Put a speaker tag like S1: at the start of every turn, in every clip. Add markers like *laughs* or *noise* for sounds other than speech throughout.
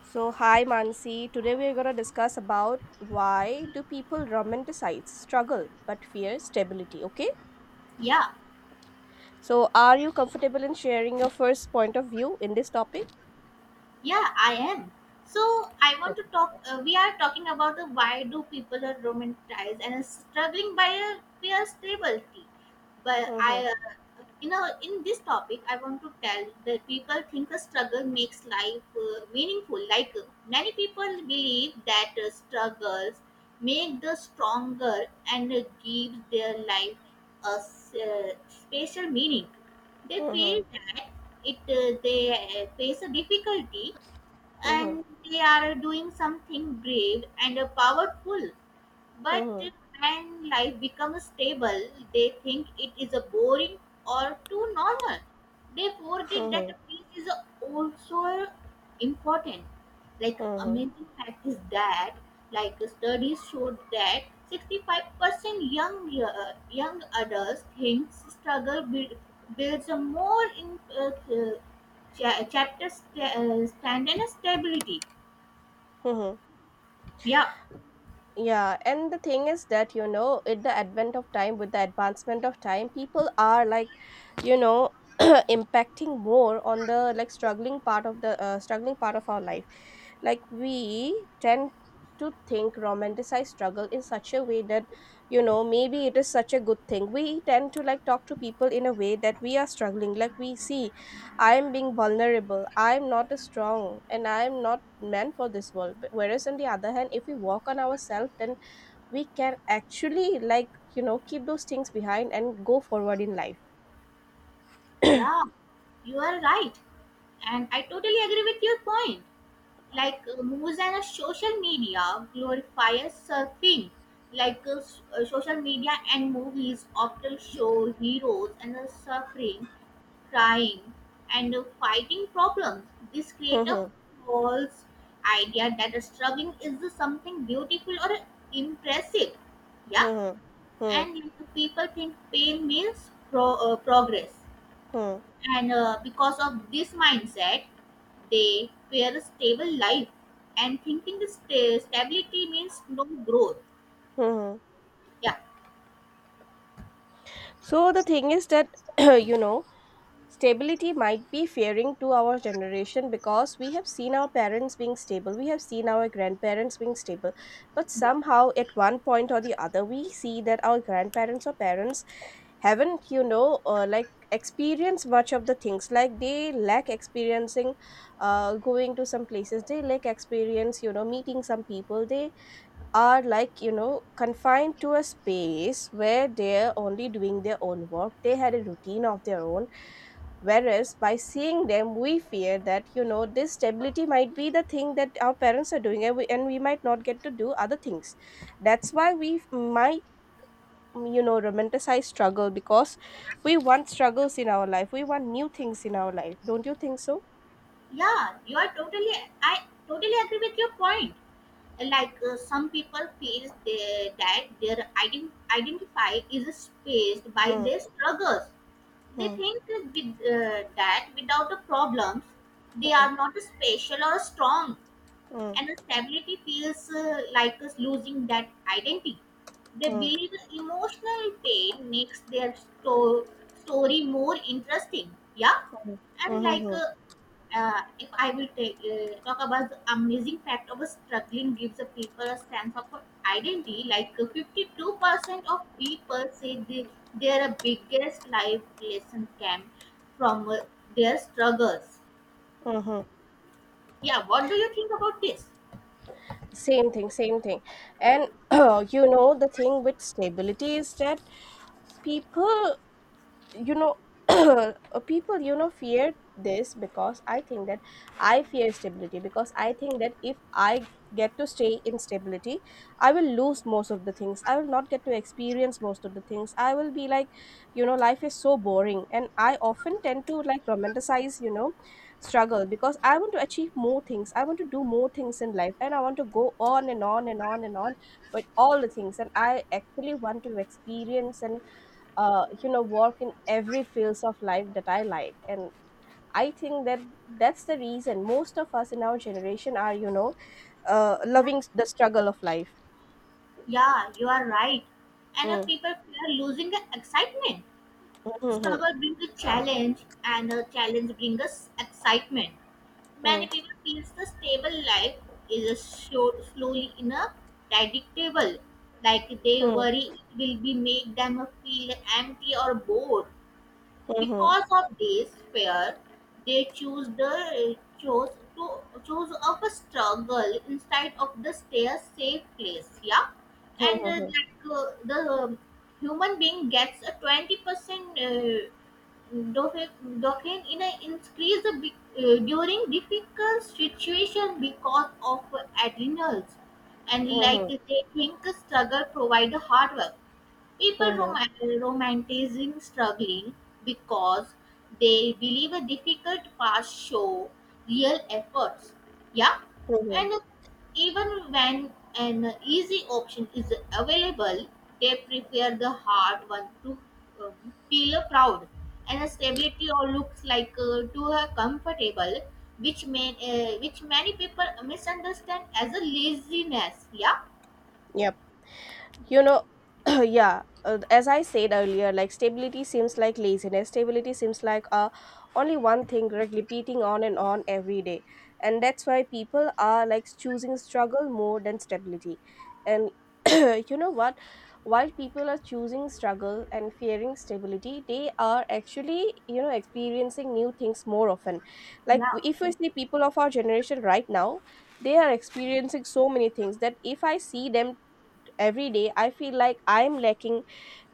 S1: So, hi Mansi. Today we are going to discuss about why do people romanticize struggle but fear stability, okay?
S2: Yeah,
S1: So, are you comfortable in sharing your first point of view in this topic?
S2: yeah, I am. So I want to
S1: Okay.
S2: talk. We are talking about the why do people are romanticized and struggling by a fear stability. But
S1: Mm-hmm.
S2: I, in this topic, I want to tell that people think a struggle makes life meaningful. Many people believe that struggles make the stronger and give their life a special meaning. They
S1: Mm-hmm.
S2: feel that it they face a difficulty
S1: Mm-hmm.
S2: and they are doing something brave and powerful, but
S1: Mm-hmm.
S2: when life becomes stable, they think it is a boring or too normal. They forget that the peace is also important. Like
S1: Mm-hmm.
S2: amazing fact is that, like studies showed that 65% young young adults think builds a more chapter stand and stability.
S1: Mm-hmm.
S2: Yeah,
S1: Yeah, and the thing is that, you know, with the advent of time, with the advancement of time, people are like, you know, *clears throat* impacting more on the like struggling part of our life. Like we tend to think romanticize struggle in such a way that, you know, maybe it is such a good thing. We tend to like talk to people in a way that we are struggling, like we see I'm being vulnerable. I'm not strong and I'm not meant for this world. But whereas on the other hand, if we work on ourselves, then we can actually, like, you know, keep those things behind and go forward in life.
S2: yeah, you are right. And I totally agree with your point. Movies and social media glorifies surfing. Social media and movies often show heroes and suffering, crying, and fighting problems. This creates a
S1: *laughs*
S2: false idea that struggling is something beautiful or impressive. Yeah,
S1: Hmm. Hmm. Hmm.
S2: and people think pain means progress,
S1: Hmm.
S2: and because of this mindset they fear a stable life and thinking the stability means no growth.
S1: Hmm.
S2: yeah
S1: So the thing is that, *clears throat* you know, stability might be fearing to our generation because we have seen our parents being stable, we have seen our grandparents being stable, but
S2: yeah
S1: somehow at one point or the other we see that our grandparents or parents haven't, you know, like, experienced much of the things, like they lack experiencing going to some places. They lack experience, you know, meeting some people. They are like, you know, confined to a space where they're only doing their own work. They had a routine of their own. Whereas by seeing them we fear that, you know, this stability might be the thing that our parents are doing, and we might not get to do other things. That's why we might, you know, romanticize struggle because we want struggles in our life, we want new things in our life. Don't you think so?
S2: yeah you are totally I totally agree with your point. Some people feel that their identify is spaced by
S1: Hmm,
S2: their struggles. They
S1: hmm,
S2: think that without the problems they
S1: hmm,
S2: are not special or strong,
S1: hmm,
S2: and stability feels like us losing that identity. They
S1: hmm, hmm,
S2: believe emotional pain makes their story more interesting. Yeah,
S1: hmm,
S2: and
S1: hmm,
S2: if I will talk about the amazing fact of a struggling gives a people a sense of identity. 52% of people say their biggest life lesson came from their struggles.
S1: hmm, hmm.
S2: Yeah, what do you think about this?
S1: Same thing, same thing. And *clears throat* you know, the thing with stability is that people you know *clears throat* uh, people, you know, fear this because I think that I fear stability because I think that if I get to stay in stability I will lose most of the things, I will not get to experience most of the things, I will be like, you know, life is so boring, and I often tend to like romanticize, you know, struggle because I want to achieve more things, I want to do more things in life, and I want to go on and on and on and on with all the things. And I actually want to experience and, you know, work in every fields of life that I like. And I think that that's the reason most of us in our generation are, you know,
S2: Yeah.
S1: loving the struggle of life.
S2: Yeah, you are right. And if
S1: Mm,
S2: people fear losing the excitement,
S1: mhm,
S2: struggle brings a challenge, and a challenge brings us excitement.
S1: mhm,
S2: Many people feel the stable life is a short, slowly in a predictable. Like they
S1: mhm,
S2: worry it will be make them feel empty or bored.
S1: mhm,
S2: Because of this fear, they choose the chose to choose of a struggle instead of the stay a safe place. Yeah, and
S1: mhm,
S2: like the human being gets a 20% dopamine in a increase during difficult situation because of adrenals, and like
S1: mhm,
S2: they think struggle provide hard work. People
S1: mhm,
S2: romanticizing struggling because they believe a difficult past show real efforts. Yeah,
S1: mhm, mhm.
S2: and even when an easy option is available, they prefer the hard one to um, feel proud, and stability or looks like to her comfortable, which may which many people misunderstand as a laziness. Yeah,
S1: Yep, you know, *clears throat* yeah, as I said earlier, like stability seems like laziness, stability seems like, only one thing, like repeating on and on every day. And that's why people are like choosing struggle more than stability. And *clears throat* you know what, while people are choosing struggle and fearing stability, they are actually, you know, experiencing new things more often. Like,
S2: yeah,
S1: if we see people of our generation right now, they are experiencing so many things that if I see them every day I feel like I'm lacking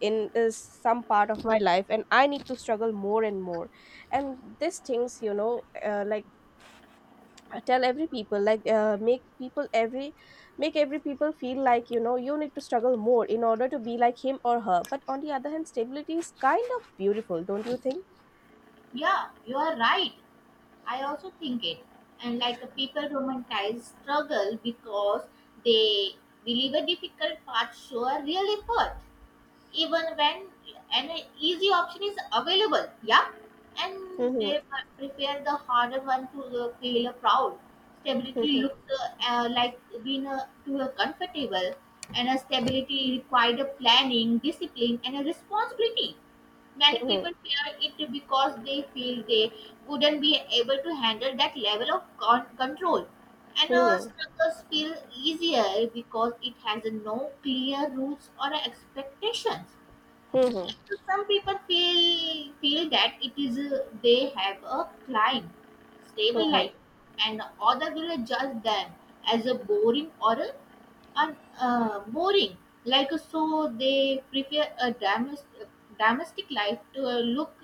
S1: in some part of my life, and I need to struggle more and more. And these things, you know, like, I tell every people, like, make every people feel like, you know, you need to struggle more in order to be like him or her. But on the other hand, stability is kind of beautiful, don't you think?
S2: yeah, you are right. I also think it. And people romanticize struggle because they believe a difficult path show a real effort, even when an easy option is available. Yeah, and
S1: Mhm,
S2: they prepare the harder one to feel proud. Stability
S1: mhm,
S2: looks like being too comfortable, and a stability required a planning, discipline, and a responsibility. Many
S1: mhm,
S2: people fear it because they feel they wouldn't be able to handle that level of control. And
S1: mhm,
S2: struggles feel easier because it has no clear rules or expectations.
S1: mhm, mhm,
S2: Some people feel that it is they have a climb stable
S1: mhm,
S2: life, and other will judge them as a boring. So they prefer a domestic life to look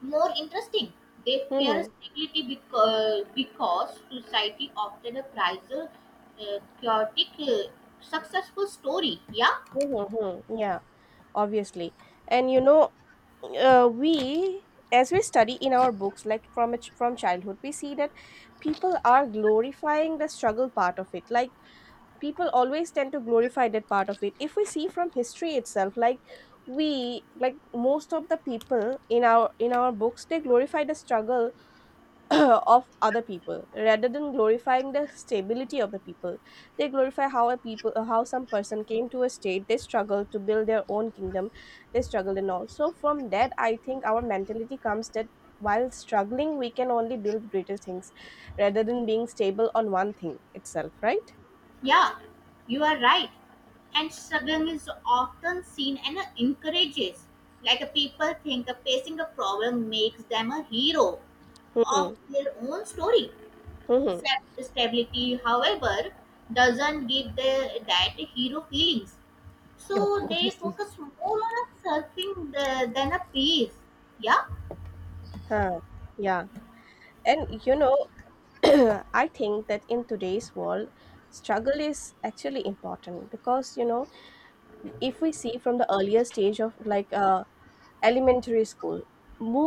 S2: more interesting. They fear
S1: mhm.
S2: stability because society often prizes a chaotic successful story. Yeah,
S1: Mm-hmm. Yeah, obviously. And you know, we as we study in our books, like, from from childhood, we see that people are glorifying the struggle part of it. Like, people always tend to glorify that part of it. If we see from history itself, like, we like most of the people in our books, they glorify the struggle *coughs* *clears throat* of other people rather than glorifying the stability of the people. They glorify how a people how some person came to a state, they struggle to build their own kingdom, they struggled and all. So from that I think our mentality comes that while struggling we can only build greater things rather than being stable on one thing itself, right?
S2: yeah, you are right, and struggling is often seen and encourages. Like people think facing a problem makes them a hero of
S1: Hmm.
S2: their own story.
S1: Hmm.
S2: Self stability, however, doesn't give that hero feelings. So they focus more on a surfing than a peace. Yeah,
S1: Huh. Yeah, and you know, *coughs* *clears throat* I think that in today's world struggle is actually important because, you know, if we see from the earlier stage of like, elementary school,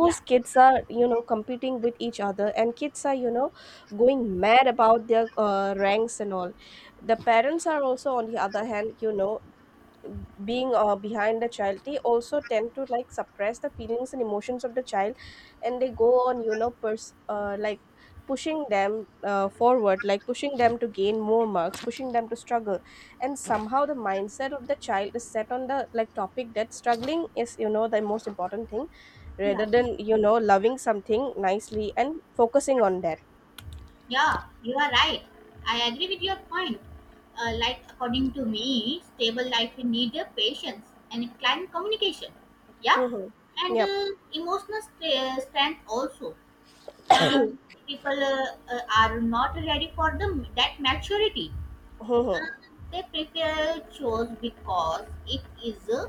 S2: yeah,
S1: kids are, you know, competing with each other, and kids are, you know, going mad about their ranks and all. The parents are also, on the other hand, you know, being behind the child, they also tend to like suppress the feelings and emotions of the child, and they go on, you know, like, pushing them forward, like pushing them to gain more marks, pushing them to struggle. And somehow the mindset of the child is set on the like topic that struggling is, you know, the most important thing, rather
S2: yeah,
S1: than, you know, loving something nicely and focusing on that.
S2: yeah, you are right. I agree with your point. Like, according to me, stable life will need patience and client communication. Yeah,
S1: Hmm.
S2: and
S1: Yep.
S2: emotional strength also.
S1: *coughs*
S2: Uh,
S1: Hmm.
S2: people are not ready for that maturity. Uh,
S1: Hmm.
S2: they prefer chores because it is uh,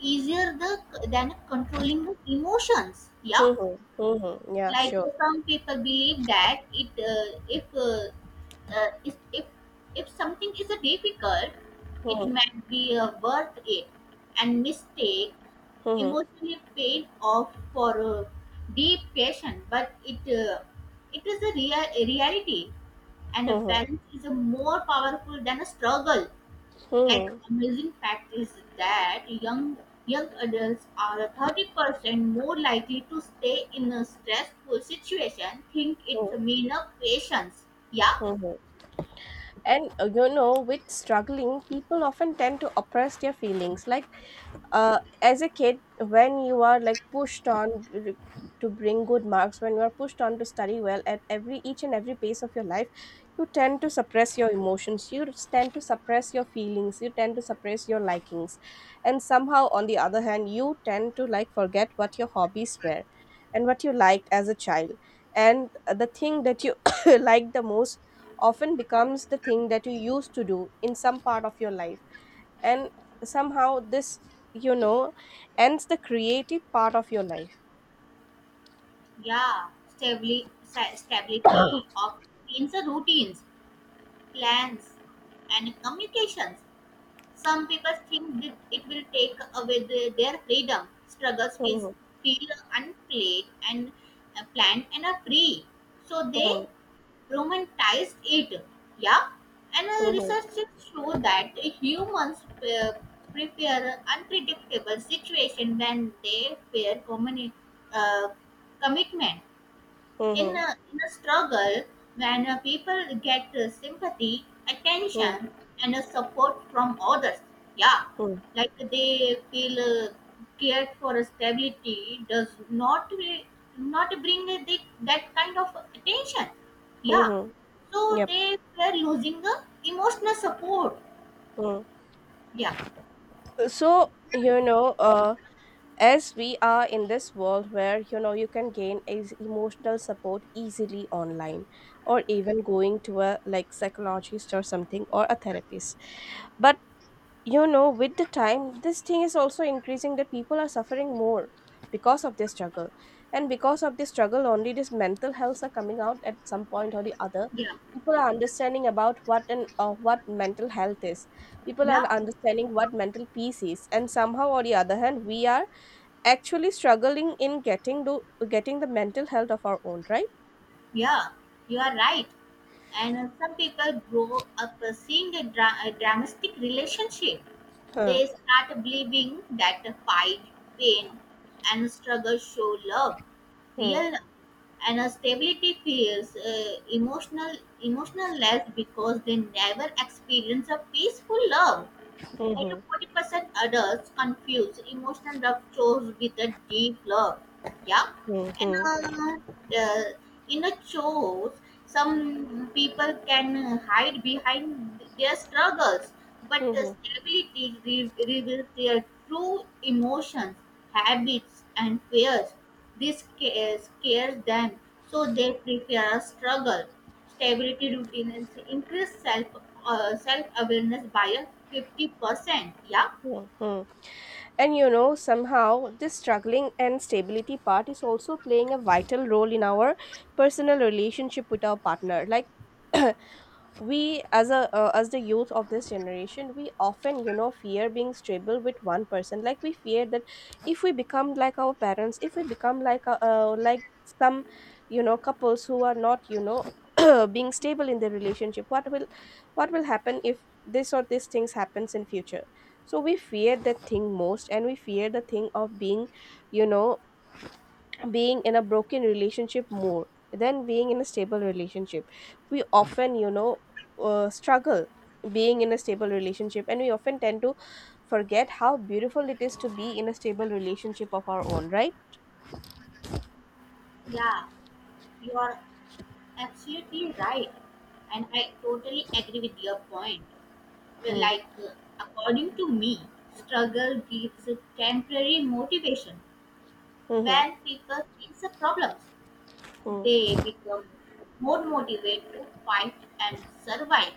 S2: easier the, than controlling the emotions. Yeah,
S1: Hmm. Hmm. *coughs* Yeah, sure.
S2: some people believe that it if is- if something is a difficult it
S1: Hmm.
S2: might be worth it, and mistake
S1: Hmm.
S2: emotionally paid off for deep passion, but it is a, real a reality, and a
S1: Hmm.
S2: balance is a more powerful than a struggle. Like
S1: Hmm.
S2: amazing fact is that young adults are 30% more likely to stay in a stressful situation think it's
S1: Hmm.
S2: a mean of patience. Yeah,
S1: Hmm. And you know, with struggling, people often tend to oppress their feelings. Like, as a kid, when you are like pushed on to bring good marks, when you are pushed on to study well at every each and every pace of your life, you tend to suppress your emotions. You tend to suppress your feelings. You tend to suppress your likings, and somehow, on the other hand, you tend to like forget what your hobbies were, and what you liked as a child, and the thing that you *coughs* liked the most often becomes the thing that you used to do in some part of your life, and somehow this, you know, ends the creative part of your life.
S2: yeah. Stability of routines, plans, and communications, some people think that it will take away their freedom. Struggles
S1: Hmm,
S2: feel unplayed and planned and are free, so they
S1: hmm,
S2: romanticized it. Yeah, and
S1: hmm,
S2: research shows that humans prefer unpredictable situation when they fear uh, commitment
S1: hmm,
S2: in a struggle. When people get sympathy
S1: hmm,
S2: attention and support from others, yeah,
S1: hmm,
S2: like they feel uh, cared for. Stability does not bring that kind of attention.
S1: hmm,
S2: Yeah,
S1: hmm.
S2: so
S1: Yep.
S2: they were losing the emotional support.
S1: Hmm.
S2: yeah
S1: So, you know, as we are in this world where, you know, you can gain is emotional support easily online, or even going to a like psychologist or something or a therapist, but, you know, with the time this thing is also increasing that people are suffering more because of this struggle. And because of this struggle only this mental healths are coming out at some point or the other.
S2: yeah
S1: People are understanding about what, and what mental health is. People are
S2: yeah
S1: understanding what mental peace is, and somehow or the other hand we are actually struggling in getting to getting the mental health of our own, right?
S2: yeah, you are right. And some people grow up seeing a dramatic relationship.
S1: Huh.
S2: They start believing that the fight, pain, and struggle show love,
S1: Hmm.
S2: real love. And stability feels emotional less because they never experience a peaceful love.
S1: Hmm. Hmm.
S2: 40% adults confuse emotional love chores with a deep love. Yeah,
S1: Hmm.
S2: and
S1: Hmm.
S2: the inner chores, some people can hide behind their struggles, but the
S1: Hmm.
S2: stability reveals their true emotions, habits, and fears. This scares them, so they prefer a struggle. Stability routine is increase self awareness by a 50%. Yeah,
S1: hmm And you know, somehow this struggling and stability part is also playing a vital role in our personal relationship with our partner. Like, *clears throat* we as a as the youth of this generation we often, you know, fear being stable with one person, like we fear that if we become like our parents, if we become like some, you know, couples who are not, you know, *clears throat* being stable in their relationship, what will happen if this or this things happens in future, so we fear that thing most. And we fear the thing of being, you know, being in a broken relationship more than being in a stable relationship. We often, you know, struggle being in a stable relationship, and we often tend to forget how beautiful it is to be in a stable relationship of our own, right?
S2: yeah, you are absolutely right, and I totally agree with your point. Well,
S1: Hmm.
S2: according to me, struggle gives a temporary motivation.
S1: Hmm.
S2: When people face the problems
S1: Hmm.
S2: they become more motivated to fight and survive,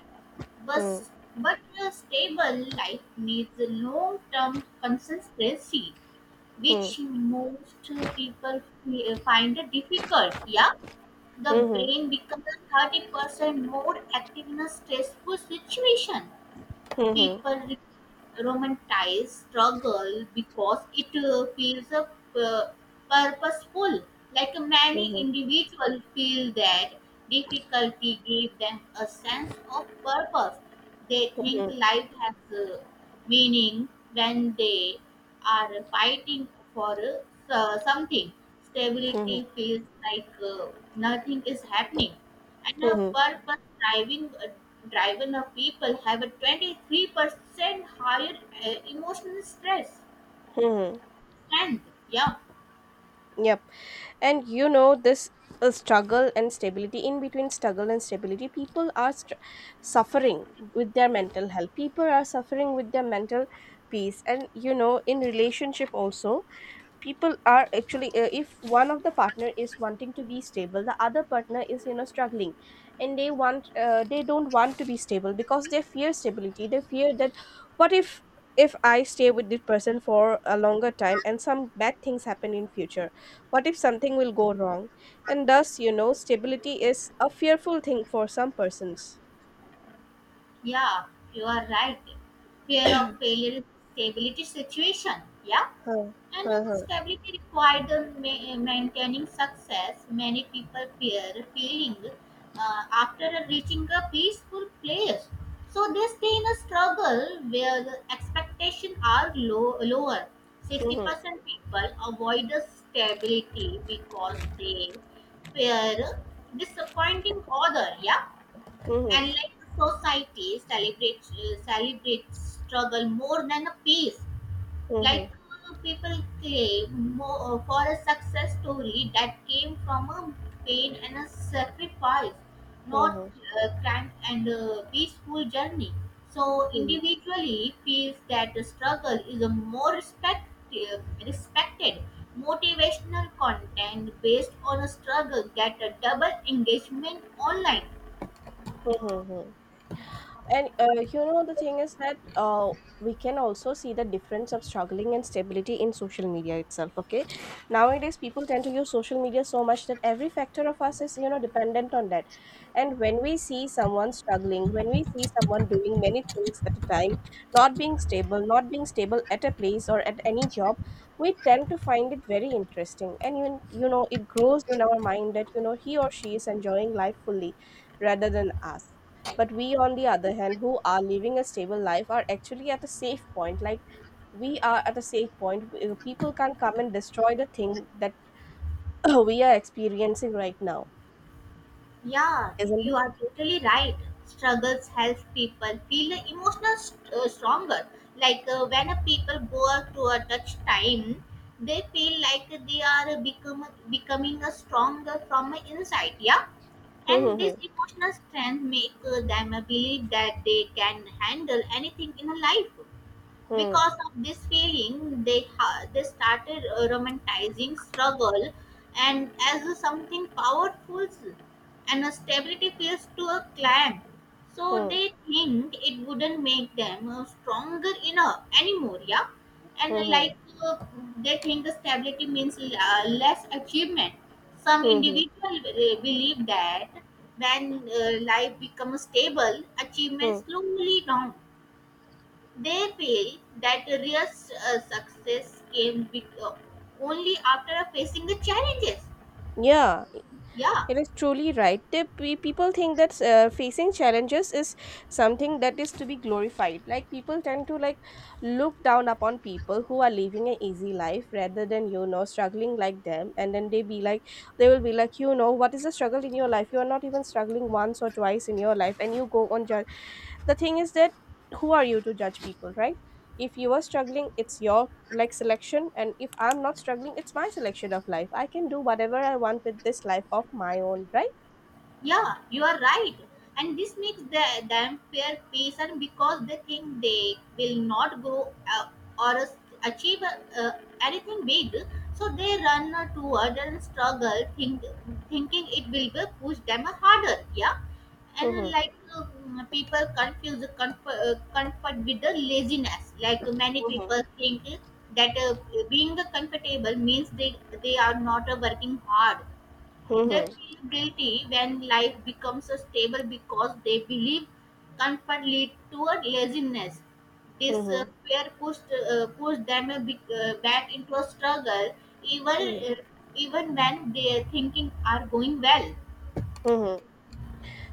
S2: but
S1: Hmm.
S2: but a stable life needs a long-term consistency, which
S1: Hmm.
S2: most people find difficult. Yeah, the
S1: Hmm.
S2: brain becomes 30% more active in a stressful situation.
S1: Hmm.
S2: People romanticize struggle because it feels pu- purposeful. Like many
S1: Hmm.
S2: individuals feel that difficulty gives them a sense of purpose. They
S1: Hmm. Hmm.
S2: think
S1: Hmm.
S2: life has meaning when they are fighting for something.
S1: Hmm.
S2: Stability feels like nothing is happening, and a
S1: Hmm.
S2: purpose driving driven of people have a 23% higher emotional stress
S1: Hmm.
S2: strength. Yeah.
S1: Yep. And you know, this struggle and stability, in between struggle and stability, people are str suffering with their mental health. People are suffering with their mental peace. And you know, in relationship also, people are actually, if one of the partner is wanting to be stable the other partner is, you know, struggling, and they want, they don't want to be stable because they fear stability. They fear that what if I stay with this person for a longer time and some bad things happen in future, what if something will go wrong? And thus, you know, stability is a fearful thing for some persons.
S2: Yeah, you are right. Fear of failure is stability situation. Yeah.
S1: Huh.
S2: And
S1: Huh. Huh.
S2: stability required maintaining success. Many people fear failing after reaching a peaceful place. So they stay in a struggle where the expectations are lower.
S1: Mhm.
S2: 60% people avoid the stability because they fear disappointing other. Yeah,
S1: Mhm.
S2: and like the society celebrates struggle more than a peace.
S1: Mhm.
S2: People claim more for a success story that came from a pain and a sacrifice, not
S1: Mhm.
S2: grand and peaceful journey. So
S1: Mhm.
S2: individually feels that the struggle is a more uh, respected. Motivational content based on a struggle get a double engagement online.
S1: Hmm. Hmm. Hmm. And you know, the thing is that, we can also see the difference of struggling and stability in social media itself. Okay, nowadays people tend to use social media so much that every factor of us is, you know, dependent on that. And when we see someone struggling, when we see someone doing many things at a time, not being stable, not being stable at a place or at any job, we tend to find it very interesting. And you know, it grows in our mind that, you know, he or she is enjoying life fully rather than us, but we on the other hand who are living a stable life are actually at a safe point, like we are at a safe point. People can't come and destroy the thing that *clears throat* we are experiencing right now,
S2: Yeah,
S1: isn't
S2: you
S1: it?
S2: are totally right. Struggles help people feel emotional st- stronger. When a people go to a touch time, they feel like they are becoming a stronger from a inside. Yeah,
S1: Hmm,
S2: and this
S1: hmm,
S2: emotional strength make them believe that they can handle anything in life.
S1: hmm,
S2: Because of this feeling they started romanticizing struggle and as a something powerful, and a stability feels to a clan, so
S1: hmm,
S2: they think it wouldn't make them stronger enough anymore. Yeah,
S1: hmm,
S2: and
S1: hmm, hmm,
S2: uh, they think the stability means less achievement. Some
S1: hmm, hmm,
S2: individual believe that when life becomes stable
S1: hmm.
S2: achievement slowly down. They feel that real success came only after facing the challenges.
S1: Yeah,
S2: Yeah.
S1: it is truly right. People think that facing challenges is something that is to be glorified. Like, people tend to like look down upon people who are living an easy life rather than, you know, struggling like them, and then they be like, they will be like, you know, what is the struggle in your life? You are not even struggling once or twice in your life, and you go on judge. The thing is that who are you to judge people, right? If you are struggling, it's your like selection, and if I'm not struggling, it's my selection of life. I can do whatever I want with this life of my own, right?
S2: Yeah, you are right. And this makes them fear patient because they think they will not grow or achieve anything big. So they run toward and struggle, thinking it will be push them harder. Yeah, and
S1: Mm-hmm.
S2: people confuse comfort with the laziness. Like many
S1: Mm-hmm.
S2: people think that being comfortable means they are not working hard. They
S1: Mm-hmm.
S2: feel guilty when life becomes a stable because they believe comfort lead toward laziness. This uh,
S1: Mm-hmm.
S2: fear pushed uh, pushed them back into a struggle, even uh, even when their thinking are going well.
S1: Mm-hmm.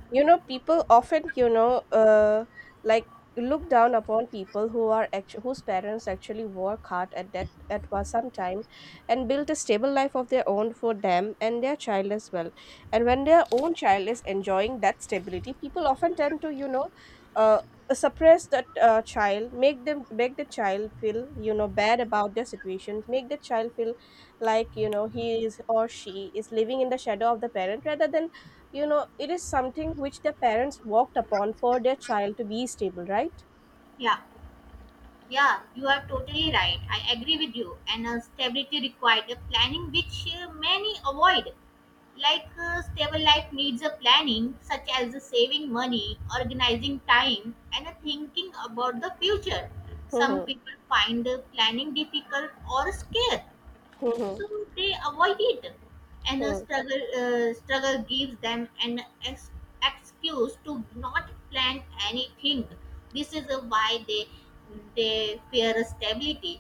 S1: You know, people often, you know, like look down upon people who are whose parents actually work hard at that at was some time and build a stable life of their own for them and their child as well, and when their own child is enjoying that stability, people often tend to, you know, uh, suppress that child, make them, make the child feel, you know, bad about their situations, make the child feel like, you know, he is or she is living in the shadow of the parent rather than, you know, it is something which the parents walked upon for their child to be stable, right?
S2: Yeah, yeah, you are totally right. I agree with you. And Stability required a planning which many avoid. Stable life needs a planning such as the saving money organizing time and a thinking about the future. Some
S1: Mhm,
S2: people find planning difficult or scared,
S1: mhm,
S2: so they avoid it. And a
S1: mhm,
S2: struggle gives them an ex- excuse to not plan anything. This is why they fear stability.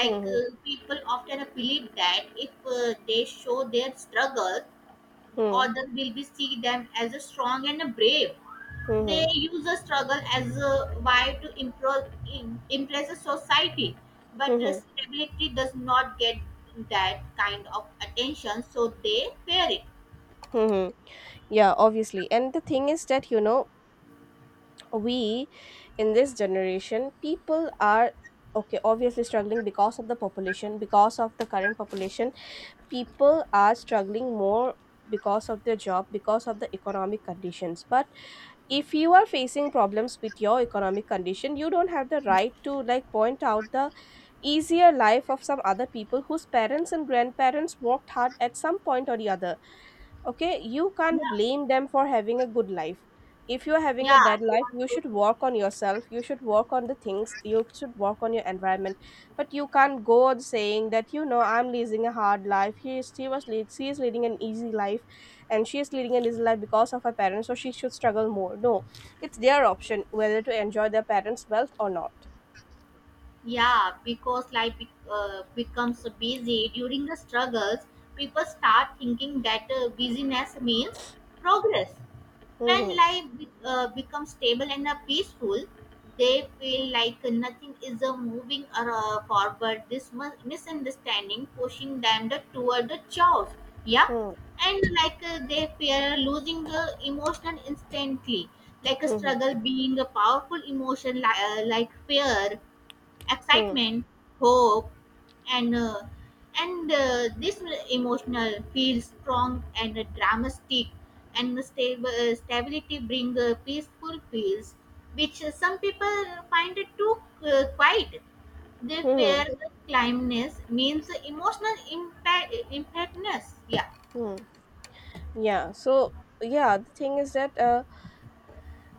S1: mhm,
S2: People often believe that if they show their struggle,
S1: mhm,
S2: others will be see them as a strong and a brave. They
S1: mhm,
S2: use a struggle as a way to improve, impress a society, but
S1: mhm,
S2: stability does not get that kind of attention, so they fear it.
S1: mhm. Yeah, obviously. And the thing is that, you know, we, in this generation, people are, okay, obviously struggling because of the population, because of the current population, people are struggling more because of their job, because of the economic conditions. But if you are facing problems with your economic condition, you don't have the right to like point out the easier life of some other people whose parents and grandparents worked hard at some point or the other. Okay, you can't
S2: Yeah,
S1: blame them for having a good life. If you're having a
S2: yeah,
S1: bad
S2: you
S1: life,
S2: are
S1: you should
S2: totally
S1: work on
S2: right.
S1: yourself, you should work on the things, you should work on your environment. But you can't go on saying that, you know, I'm leading a hard life, he is, she is leading an easy life, and she is leading an easy life because of her parents, so she should struggle more. No, it's their option whether to enjoy their parents wealth or not.
S2: Yeah, because becomes busy during the struggles, people start thinking that busyness means progress. When
S1: Hmm,
S2: becomes stable and peaceful, they feel like nothing is moving or, forward. This misunderstanding pushing them the, toward the chaos. Yeah,
S1: hmm,
S2: and they fear losing the emotion instantly. Like a
S1: hmm, hmm,
S2: struggle being a powerful emotion, like fear,
S1: hmm,
S2: excitement, hope, and uh, and this emotional feels strong and dramatic, and the stable stability bring peaceful feels, which some people find it too quiet. They
S1: hmm,
S2: fear the climbness means emotional impact impactness, yeah.
S1: hmm. Yeah, so, yeah, the thing is that,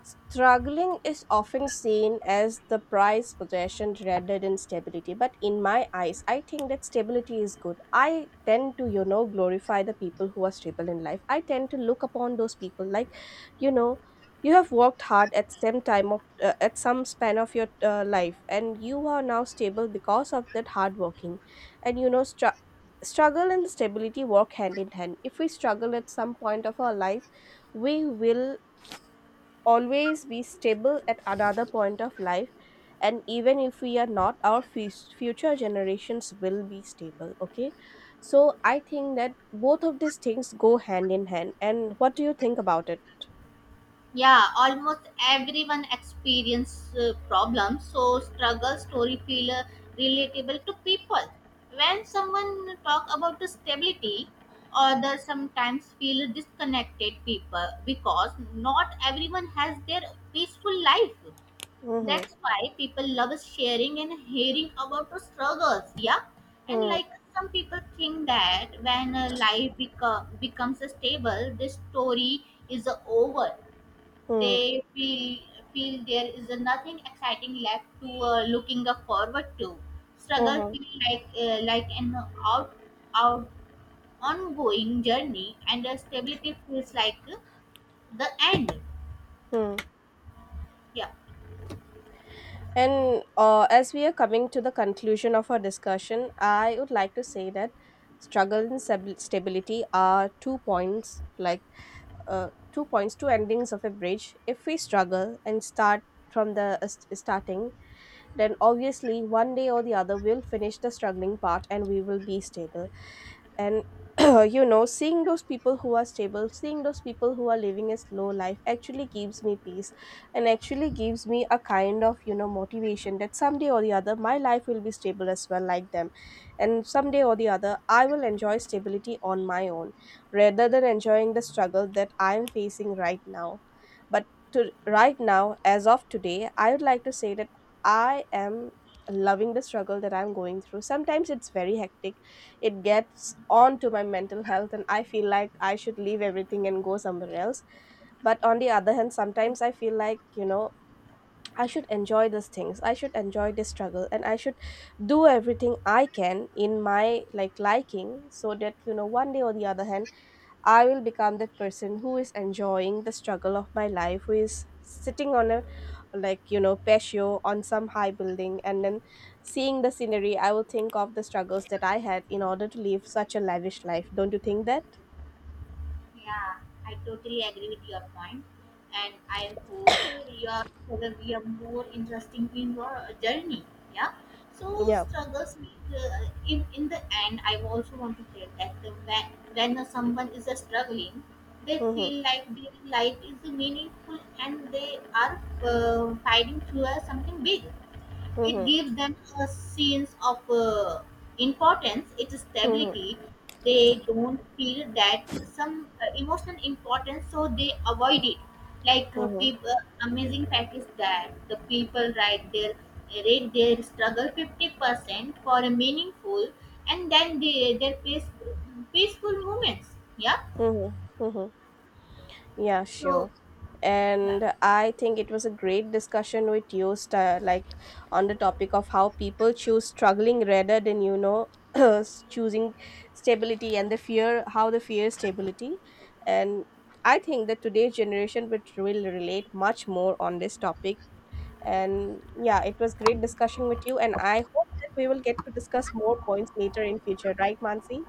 S1: struggling is often seen as the prized possession rather than stability, but in my eyes, I think that stability is good. I tend to, you know, glorify the people who are stable in life. I tend to look upon those people like, you know, you have worked hard at some time of, at some span of your life, and you are now stable because of that hard working, and you know, struggle and stability work hand in hand. If we struggle at some point of our life, we will always be stable at another point of life, and even if we are not, our future generations will be stable. Okay, so I think that both of these things go hand in hand. And what do you think about it?
S2: Yeah, almost everyone experience problems, so struggle story feel relatable to people. When someone talk about the stability, others sometimes feel disconnected people because not everyone has their peaceful life.
S1: Hmm,
S2: That's why people love sharing and hearing about the struggles. Yeah, and
S1: hmm,
S2: like some people think that when becomes stable, this story is over.
S1: hmm,
S2: They feel there is nothing exciting left to looking up forward to. Struggle
S1: hmm,
S2: feel like an out out ongoing journey, and stability feels like the end.
S1: hmm.
S2: Yeah.
S1: And as we are coming to the conclusion of our discussion, I would like to say that struggle and stability are two points, like, two points, two endings of a bridge. If we struggle and start from the starting, then obviously one day or the other we'll finish the struggling part and we will be stable. And *clears throat* you know, seeing those people who are stable, seeing those people who are living a slow life, actually gives me peace, and actually gives me a kind of, you know, motivation that someday or the other my life will be stable as well, like them, and someday or the other I will enjoy stability on my own, rather than enjoying the struggle that I am facing right now. But to right now, as of today, I would like to say that I am loving the struggle that I'm going through. Sometimes it's very hectic, it gets on to my mental health and I feel like I should leave everything and go somewhere else. But on the other hand, sometimes I feel like, you know, I should enjoy these things, I should enjoy this struggle, and I should do everything I can in my like liking, so that, you know, one day or the other hand I will become that person who is enjoying the struggle of my life, who is sitting on a like, you know, patio on some high building, and then seeing the scenery, I will think of the struggles that I had in order to live such a lavish life. Don't you think that?
S2: Yeah, I totally agree with your point, and I hope your struggle be a more interesting in your journey. Yeah. So
S1: Yeah.
S2: struggles make in the end. I also want to tell that the, when someone is struggling, they
S1: Mm-hmm.
S2: feel like their life is meaningful and they are fighting through something big. It
S1: Mm-hmm.
S2: gives them a sense of importance, its
S1: Mm-hmm.
S2: stability. They don't feel that some emotional importance, so they avoid it.
S1: Mm-hmm.
S2: People, amazing fact is that the people write their rate their struggle 50% for a meaningful, and then they their peaceful moments. Yeah.
S1: Mm-hmm. Mm-hmm. Yeah,
S2: So
S1: sure.
S2: yeah.
S1: And I think it was a great discussion with you, like on the topic of how people choose struggling rather than, you know, *clears throat* choosing stability and the fear, how the fear stability. And I think that today's generation would, will relate much more on this topic. And yeah, it was great discussion with you, and I hope that we will get to discuss more points later in future, right, Mansi?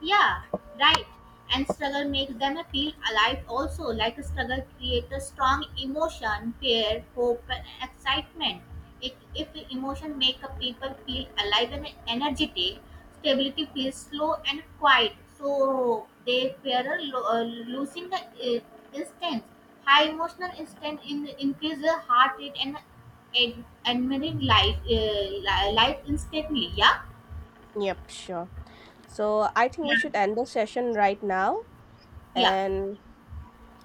S2: Yeah, right. And struggle makes them feel alive also. Like struggle creates a strong emotion, fear, hope, and excitement. If emotion make a people feel alive and energetic, stability feels slow and quiet. So they fear losing the instance. High emotional increase the heart rate and admiring life, life instantly. Yeah,
S1: Yep, sure. So I think we
S2: yeah,
S1: should end the session right now.
S2: yeah.
S1: And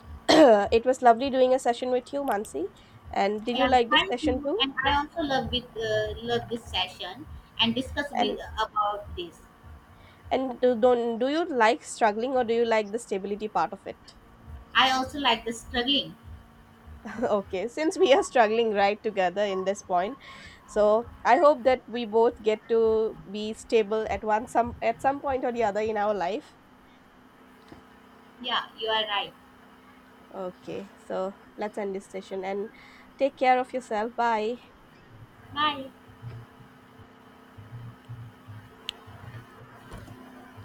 S1: *coughs* *clears throat* it was lovely doing a session with you, Mansi. And did you
S2: Yeah,
S1: like this
S2: thank
S1: session
S2: you.
S1: too?
S2: And I also love with love this session and discuss
S1: And
S2: with about this.
S1: and do, don't do you like struggling or do you like the stability part of it?
S2: I also like the struggling.
S1: *laughs* Okay, since we are struggling right together in this point, so I hope that we both get to be stable at one some at some point or the other in our life.
S2: Yeah, you are right.
S1: Okay, so let's end this session and take care of yourself. Bye.
S2: Bye.